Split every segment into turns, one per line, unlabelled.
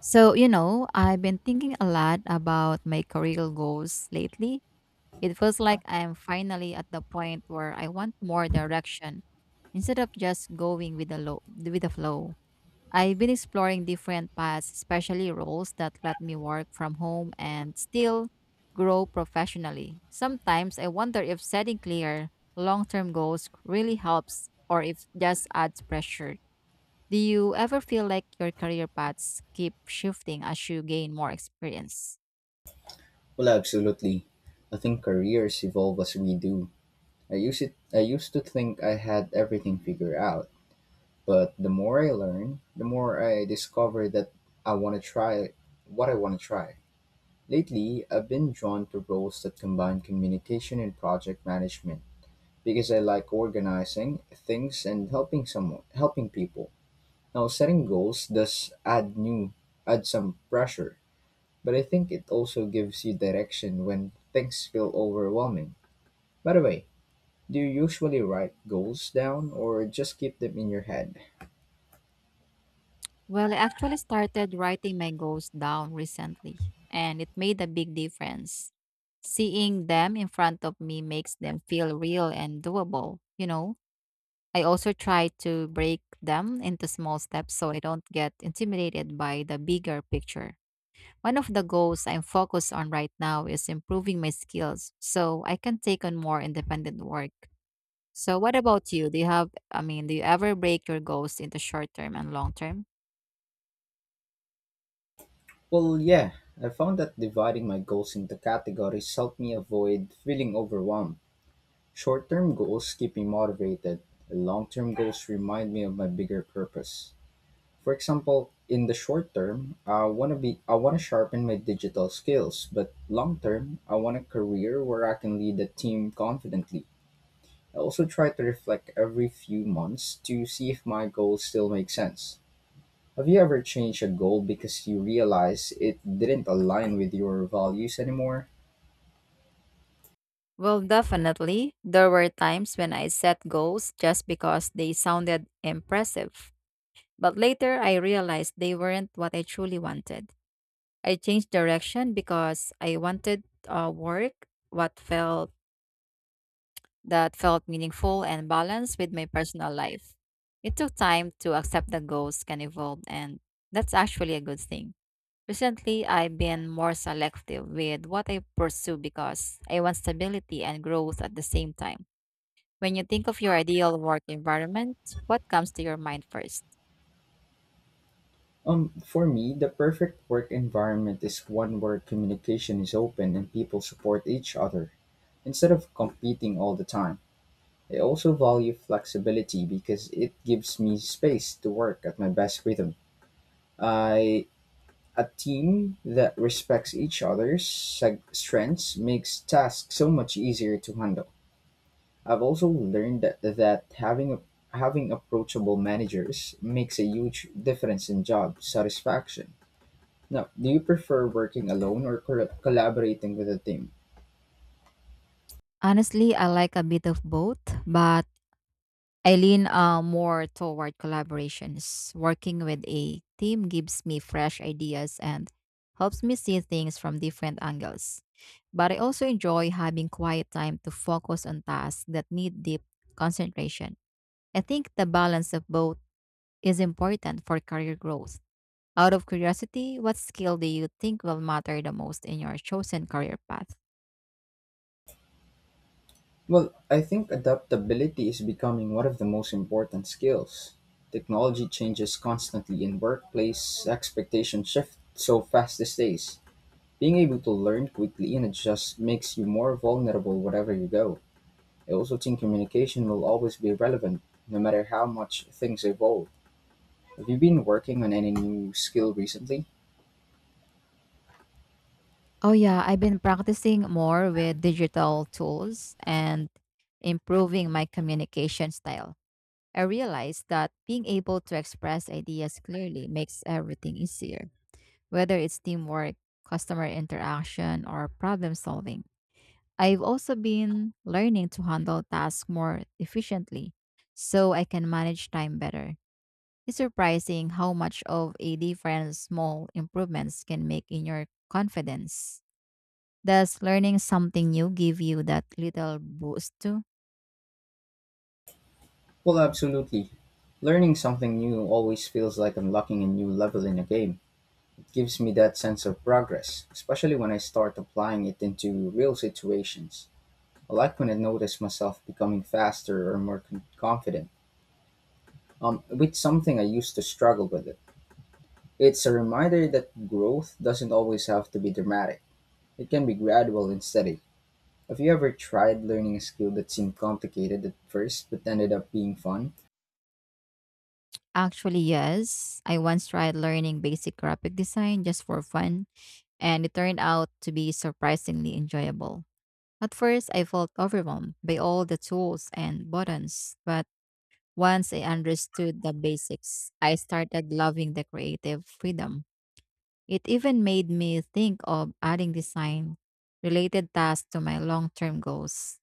So, you know, I've been thinking a lot about my career goals lately. It feels like I am finally at the point where I want more direction instead of just going with the flow. I've been exploring different paths, especially roles that let me work from home and still grow professionally. Sometimes I wonder if setting clear long-term goals really helps or if just adds pressure. Do you ever feel like your career paths keep shifting as you gain more experience?
Well, absolutely. I think careers evolve as we do. I use it. I used to think I had everything figured out, but the more I learn, the more I discover that I want to try what I want to try. Lately, I've been drawn to roles that combine communication and project management because I like organizing things and helping people. Now, setting goals does add new, add some pressure, but I think it also gives you direction when things feel overwhelming. By the way, do you usually write goals down or just keep them in your head?
Well, I actually started writing my goals down recently, and it made a big difference. Seeing them in front of me makes them feel real and doable, you know? I also try to break them into small steps so I don't get intimidated by the bigger picture. One of the goals I'm focused on right now is improving my skills so I can take on more independent work. So what about you? Do you have I mean, Do you ever break your goals into short term and long term?
Well, yeah, I found that dividing my goals into categories helped me avoid feeling overwhelmed. Short term goals keep me motivated, and long term goals remind me of my bigger purpose. For example, in the short term, I want to sharpen my digital skills, but long term, I want a career where I can lead a team confidently. I also try to reflect every few months to see if my goals still make sense. Have you ever changed a goal because you realize it didn't align with your values anymore?
Well, definitely, there were times when I set goals just because they sounded impressive. But later, I realized they weren't what I truly wanted. I changed direction because I wanted work what felt that felt meaningful and balanced with my personal life. It took time to accept that goals can evolve, and that's actually a good thing. Recently, I've been more selective with what I pursue because I want stability and growth at the same time. When you think of your ideal work environment, what comes to your mind first?
For me, the perfect work environment is one where communication is open and people support each other instead of competing all the time. I also value flexibility because it gives me space to work at my best rhythm. I A team that respects each strengths makes tasks so much easier to handle. I've also learned that having approachable managers makes a huge difference in job satisfaction. Now, do you prefer working alone or collaborating with a team?
Honestly, I like a bit of both, but I lean more toward collaborations. Working with a team gives me fresh ideas and helps me see things from different angles. But I also enjoy having quiet time to focus on tasks that need deep concentration. I think the balance of both is important for career growth. Out of curiosity, what skill do you think will matter the most in your chosen career path?
Well, I think adaptability is becoming one of the most important skills. Technology changes constantly and workplace expectations shift so fast these days. Being able to learn quickly and adjust makes you more vulnerable wherever you go. I also think communication will always be relevant, no matter how much things evolve. Have you been working on any new skill recently?
Oh yeah, I've been practicing more with digital tools and improving my communication style. I realized that being able to express ideas clearly makes everything easier, whether it's teamwork, customer interaction, or problem solving. I've also been learning to handle tasks more efficiently so I can manage time better. It's surprising how much of a difference small improvements can make in your confidence. Does learning something new give you that little boost too?
Well, absolutely. Learning something new always feels like unlocking a new level in a game. It gives me that sense of progress, especially when I start applying it into real situations. I like when I notice myself becoming faster or more confident. With something I used to struggle with it. It's a reminder that growth doesn't always have to be dramatic. It can be gradual and steady. Have you ever tried learning a skill that seemed complicated at first but ended up being fun?
Actually, yes. I once tried learning basic graphic design just for fun, and it turned out to be surprisingly enjoyable. At first, I felt overwhelmed by all the tools and buttons, but once I understood the basics, I started loving the creative freedom. It even made me think of adding design related tasks to my long term goals.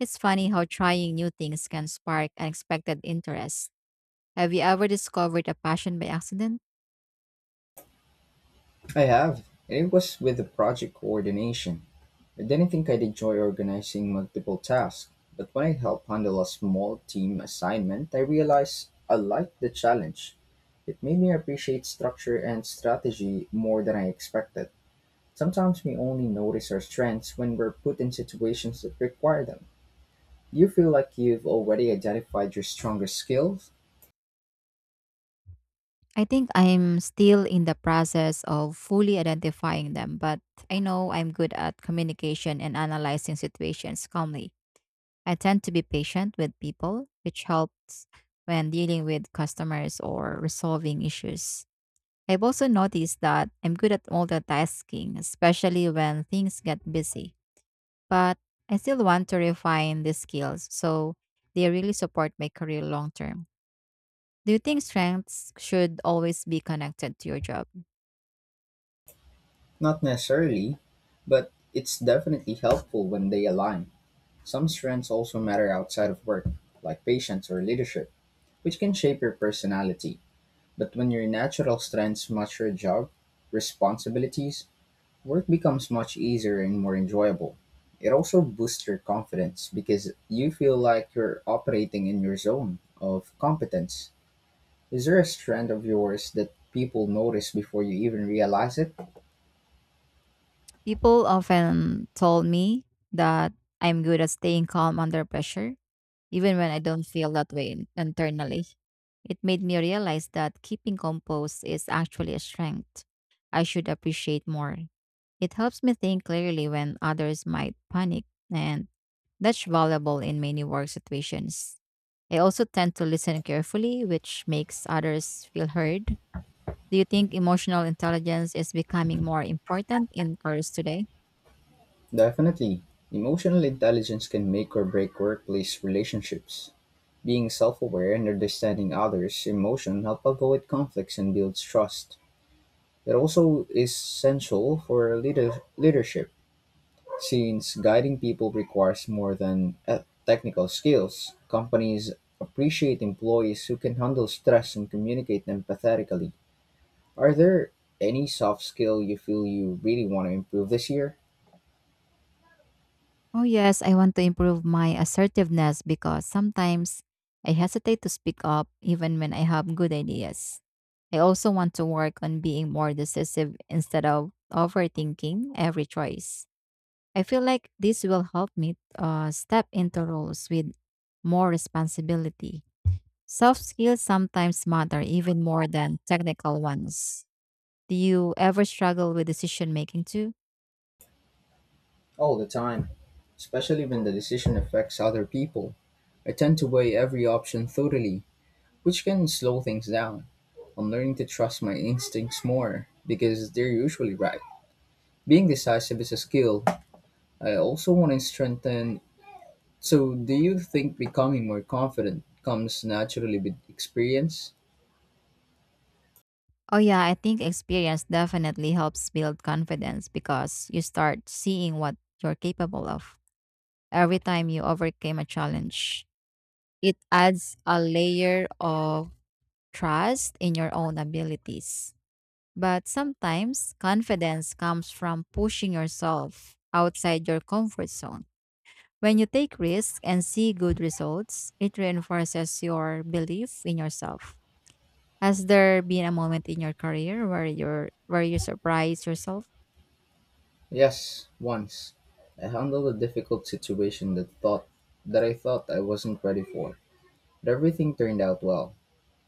It's funny how trying new things can spark unexpected interest. Have you ever discovered a passion by accident?
I have, and it was with the project coordination. I didn't think I'd enjoy organizing multiple tasks, but when I helped handle a small team assignment, I realized I liked the challenge. It made me appreciate structure and strategy more than I expected. Sometimes we only notice our strengths when we're put in situations that require them. Do you feel like you've already identified your strongest skills?
I think I'm still in the process of fully identifying them, but I know I'm good at communication and analyzing situations calmly. I tend to be patient with people, which helps when dealing with customers or resolving issues. I've also noticed that I'm good at multitasking, especially when things get busy, but I still want to refine these skills so they really support my career long term. Do you think strengths should always be connected to your job?
Not necessarily, but it's definitely helpful when they align. Some strengths also matter outside of work, like patience or leadership, which can shape your personality. But when your natural strengths match your job, responsibilities, work becomes much easier and more enjoyable. It also boosts your confidence because you feel like you're operating in your zone of competence. Is there a strand of yours that people notice before you even realize it?
People often told me that I'm good at staying calm under pressure, even when I don't feel that way internally. It made me realize that keeping composed is actually a strength I should appreciate more. It helps me think clearly when others might panic, and that's valuable in many work situations. I also tend to listen carefully, which makes others feel heard. Do you think emotional intelligence is becoming more important in careers today?
Definitely. Emotional intelligence can make or break workplace relationships. Being self aware and understanding others' emotion help avoid conflicts and builds trust. It also is essential for leadership. Since guiding people requires more than technical skills, companies appreciate employees who can handle stress and communicate empathetically. Are there any soft skill you feel you really want to improve this year?
Oh, yes, I want to improve my assertiveness because sometimes I hesitate to speak up even when I have good ideas. I also want to work on being more decisive instead of overthinking every choice. I feel like this will help me step into roles with more responsibility. Soft skills sometimes matter even more than technical ones. Do you ever struggle with decision making too?
All the time, especially when the decision affects other people. I tend to weigh every option thoroughly, which can slow things down. I'm learning to trust my instincts more because they're usually right. Being decisive is a skill. I also want to strengthen. So, do you think becoming more confident comes naturally with experience?
Oh yeah, I think experience definitely helps build confidence because you start seeing what you're capable of. Every time you overcame a challenge, it adds a layer of trust in your own abilities. But sometimes confidence comes from pushing yourself outside your comfort zone. When you take risks and see good results, it reinforces your belief in yourself. Has there been a moment in your career where you surprised yourself?
Yes, once. I handled a difficult situation that I thought I wasn't ready for. But everything turned out well.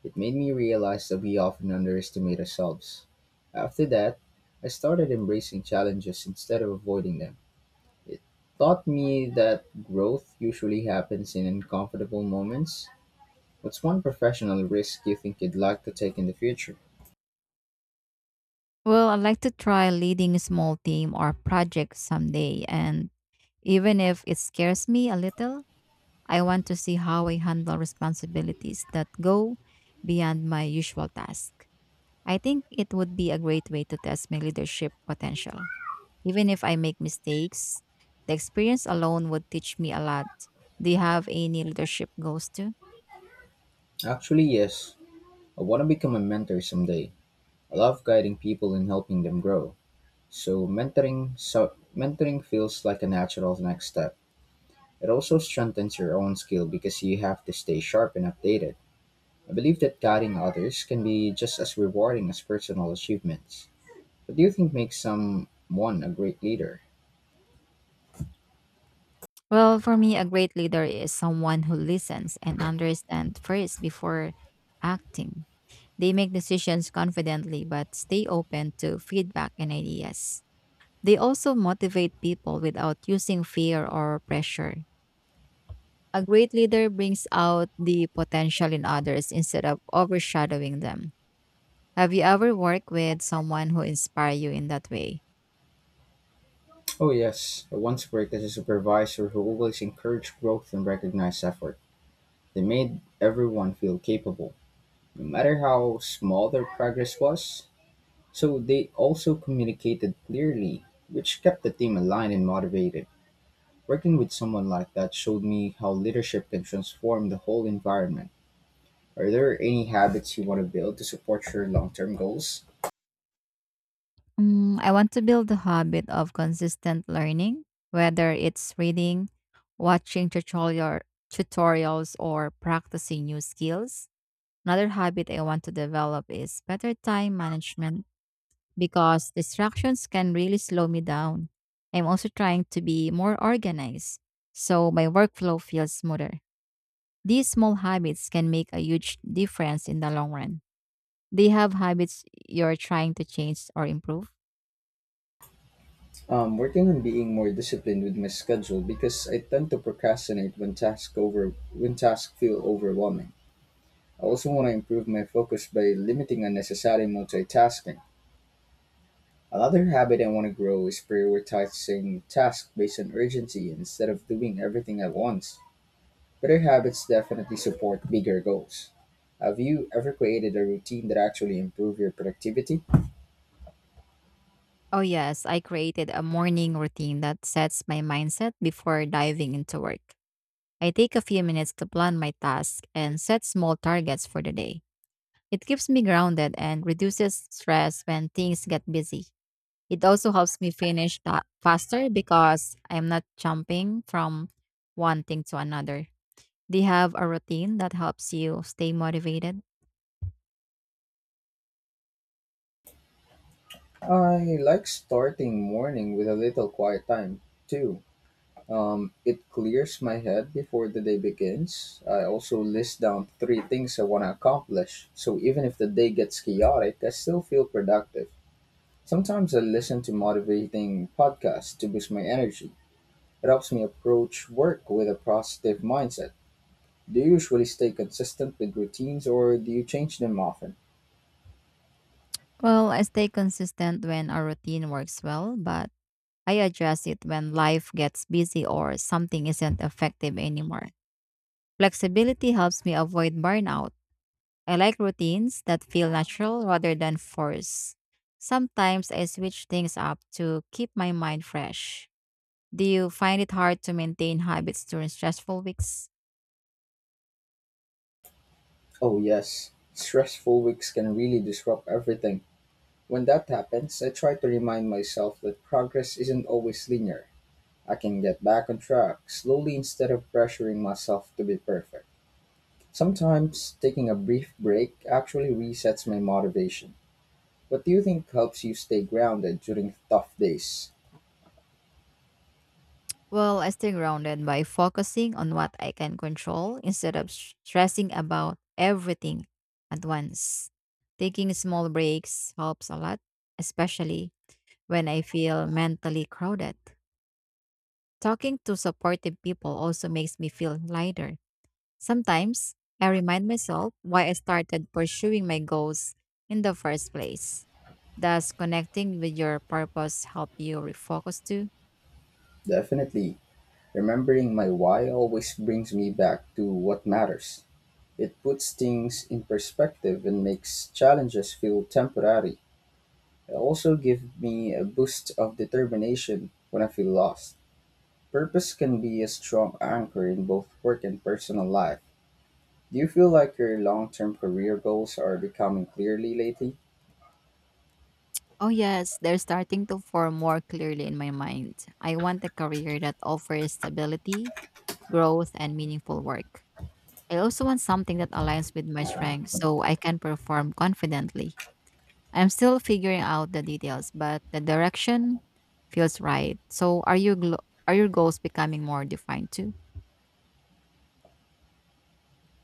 It made me realize that we often underestimate ourselves. After that, I started embracing challenges instead of avoiding them. Taught me that growth usually happens in uncomfortable moments. What's one professional risk you think you'd like to take in the future?
Well, I'd like to try leading a small team or project someday, and even if it scares me a little, I want to see how I handle responsibilities that go beyond my usual task. I think it would be a great way to test my leadership potential. Even if I make mistakes, the experience alone would teach me a lot. Do you have any leadership goals too?
Actually, yes. I want to become a mentor someday. I love guiding people and helping them grow. So mentoring feels like a natural next step. It also strengthens your own skill because you have to stay sharp and updated. I believe that guiding others can be just as rewarding as personal achievements. What do you think makes someone a great leader?
Well, for me, a great leader is someone who listens and understands first before acting. They make decisions confidently but stay open to feedback and ideas. They also motivate people without using fear or pressure. A great leader brings out the potential in others instead of overshadowing them. Have you ever worked with someone who inspired you in that way?
Oh yes, I once worked as a supervisor who always encouraged growth and recognized effort. They made everyone feel capable. No matter how small their progress was, so they also communicated clearly, which kept the team aligned and motivated. Working with someone like that showed me how leadership can transform the whole environment. Are there any habits you want to build to support your long term goals?
I want to build the habit of consistent learning, whether it's reading, watching tutorial, tutorials, or practicing new skills. Another habit I want to develop is better time management because distractions can really slow me down. I'm also trying to be more organized so my workflow feels smoother. These small habits can make a huge difference in the long run. Do you have habits you're trying to change or improve?
Working on being more disciplined with my schedule because I tend to procrastinate when tasks feel overwhelming. I also want to improve my focus by limiting unnecessary multitasking. Another habit I want to grow is prioritizing tasks based on urgency instead of doing everything at once. Better habits definitely support bigger goals. Have you ever created a routine that actually improved your productivity?
Oh, yes, I created a morning routine that sets my mindset before diving into work. I take a few minutes to plan my task and set small targets for the day. It keeps me grounded and reduces stress when things get busy. It also helps me finish that faster because I'm not jumping from one thing to another. Do you have a routine that helps you stay motivated?
I like starting morning with a little quiet time too. It clears my head before the day begins. I also list down three things I want to accomplish, so even if the day gets chaotic, I still feel productive. Sometimes I listen to motivating podcasts to boost my energy. It helps me approach work with a positive mindset. Do you usually stay consistent with routines or do you change them often?
Well, I stay consistent when a routine works well, but I address it when life gets busy or something isn't effective anymore. Flexibility helps me avoid burnout. I like routines that feel natural rather than forced. Sometimes I switch things up to keep my mind fresh. Do you find it hard to maintain habits during stressful weeks?
Oh, yes. Stressful weeks can really disrupt everything. When that happens, I try to remind myself that progress isn't always linear. I can get back on track slowly instead of pressuring myself to be perfect. Sometimes taking a brief break actually resets my motivation. What do you think helps you stay grounded during tough days?
Well, I stay grounded by focusing on what I can control instead of stressing about everything at once. Taking small breaks helps a lot, especially when I feel mentally crowded. Talking to supportive people also makes me feel lighter. Sometimes I remind myself why I started pursuing my goals in the first place. Does connecting with your purpose help you refocus too?
Definitely. Remembering my why always brings me back to what matters. It puts things in perspective and makes challenges feel temporary. It also gives me a boost of determination when I feel lost. Purpose can be a strong anchor in both work and personal life. Do you feel like your long term career goals are becoming clearly lately?
Oh, yes, they're starting to form more clearly in my mind. I want a career that offers stability, growth, and meaningful work. I also want something that aligns with my strengths so I can perform confidently. I'm still figuring out the details, but the direction feels right. So are your goals becoming more defined too?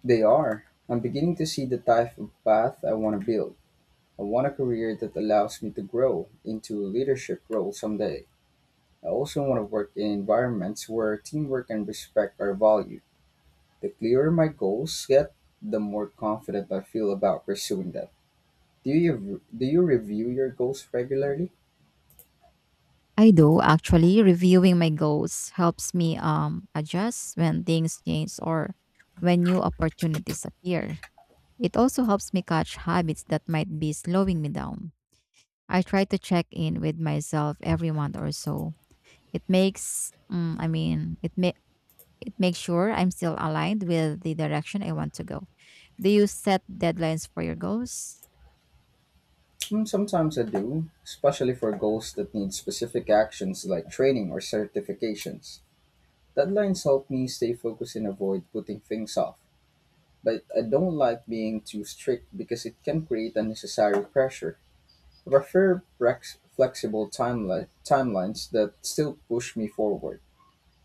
They are. I'm beginning to see the type of path I want to build. I want a career that allows me to grow into a leadership role someday. I also want to work in environments where teamwork and respect are valued. The clearer my goals get, the more confident I feel about pursuing them. Do you review your goals regularly?
I do actually. Reviewing my goals helps me adjust when things change or when new opportunities appear. It also helps me catch habits that might be slowing me down. I try to check in with myself every month or so. It makes mm, I mean, it may It makes sure I'm still aligned with the direction I want to go. Do you set deadlines for your goals?
Mm, sometimes I do, especially for goals that need specific actions like training or certifications. Deadlines help me stay focused and avoid putting things off, but I don't like being too strict because it can create unnecessary pressure. I prefer flexible timelines that still push me forward.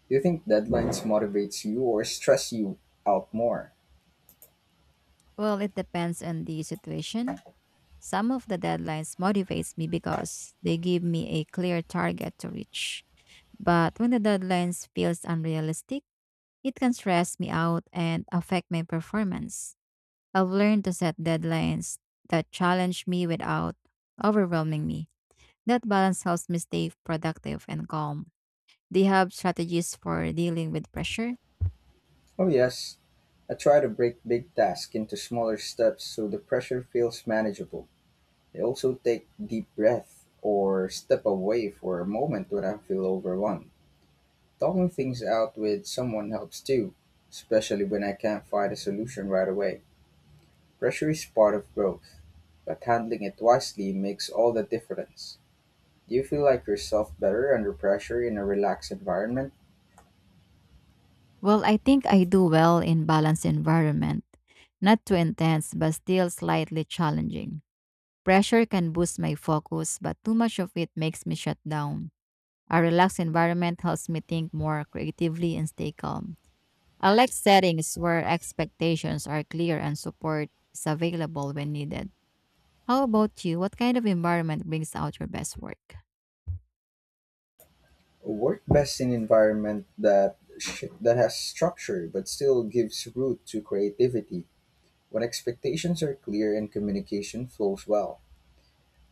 Do you think deadlines motivates you or stress you out more?
Well, it depends on the situation. Some of the deadlines motivates me because they give me a clear target to reach. But when the deadlines feels unrealistic, it can stress me out and affect my performance. I've learned to set deadlines that challenge me without overwhelming me. That balance helps me stay productive and calm. They have strategies for dealing with pressure.
Oh yes, I try to break big tasks into smaller steps so the pressure feels manageable. I also take deep breath or step away for a moment when I feel overwhelmed. Talking things out with someone helps too, especially when I can't find a solution right away. Pressure is part of growth, but handling it wisely makes all the difference. Do you feel like yourself better under pressure in a relaxed environment?
Well, I think I do well in balanced environment. Not too intense, but still slightly challenging. Pressure can boost my focus, but too much of it makes me shut down. A relaxed environment helps me think more creatively and stay calm. I like settings where expectations are clear and support is available when needed. How about you? What kind of environment brings out your best work?
Work best in environment that has structure but still gives root to creativity. When expectations are clear and communication flows well.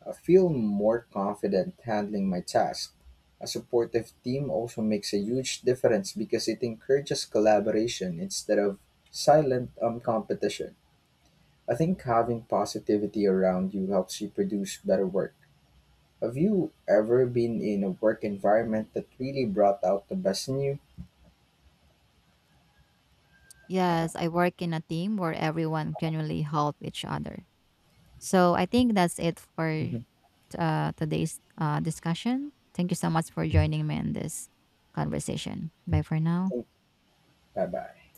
I feel more confident handling my task. A supportive team also makes a huge difference because it encourages collaboration instead of silent competition. I think having positivity around you helps you produce better work. Have you ever been in a work environment that really brought out the best in you?
Yes, I work in a team where everyone genuinely help each other. So I think that's it for
Mhm.
today's discussion. Thank you so much for joining me in this conversation. Bye for now.
Bye bye.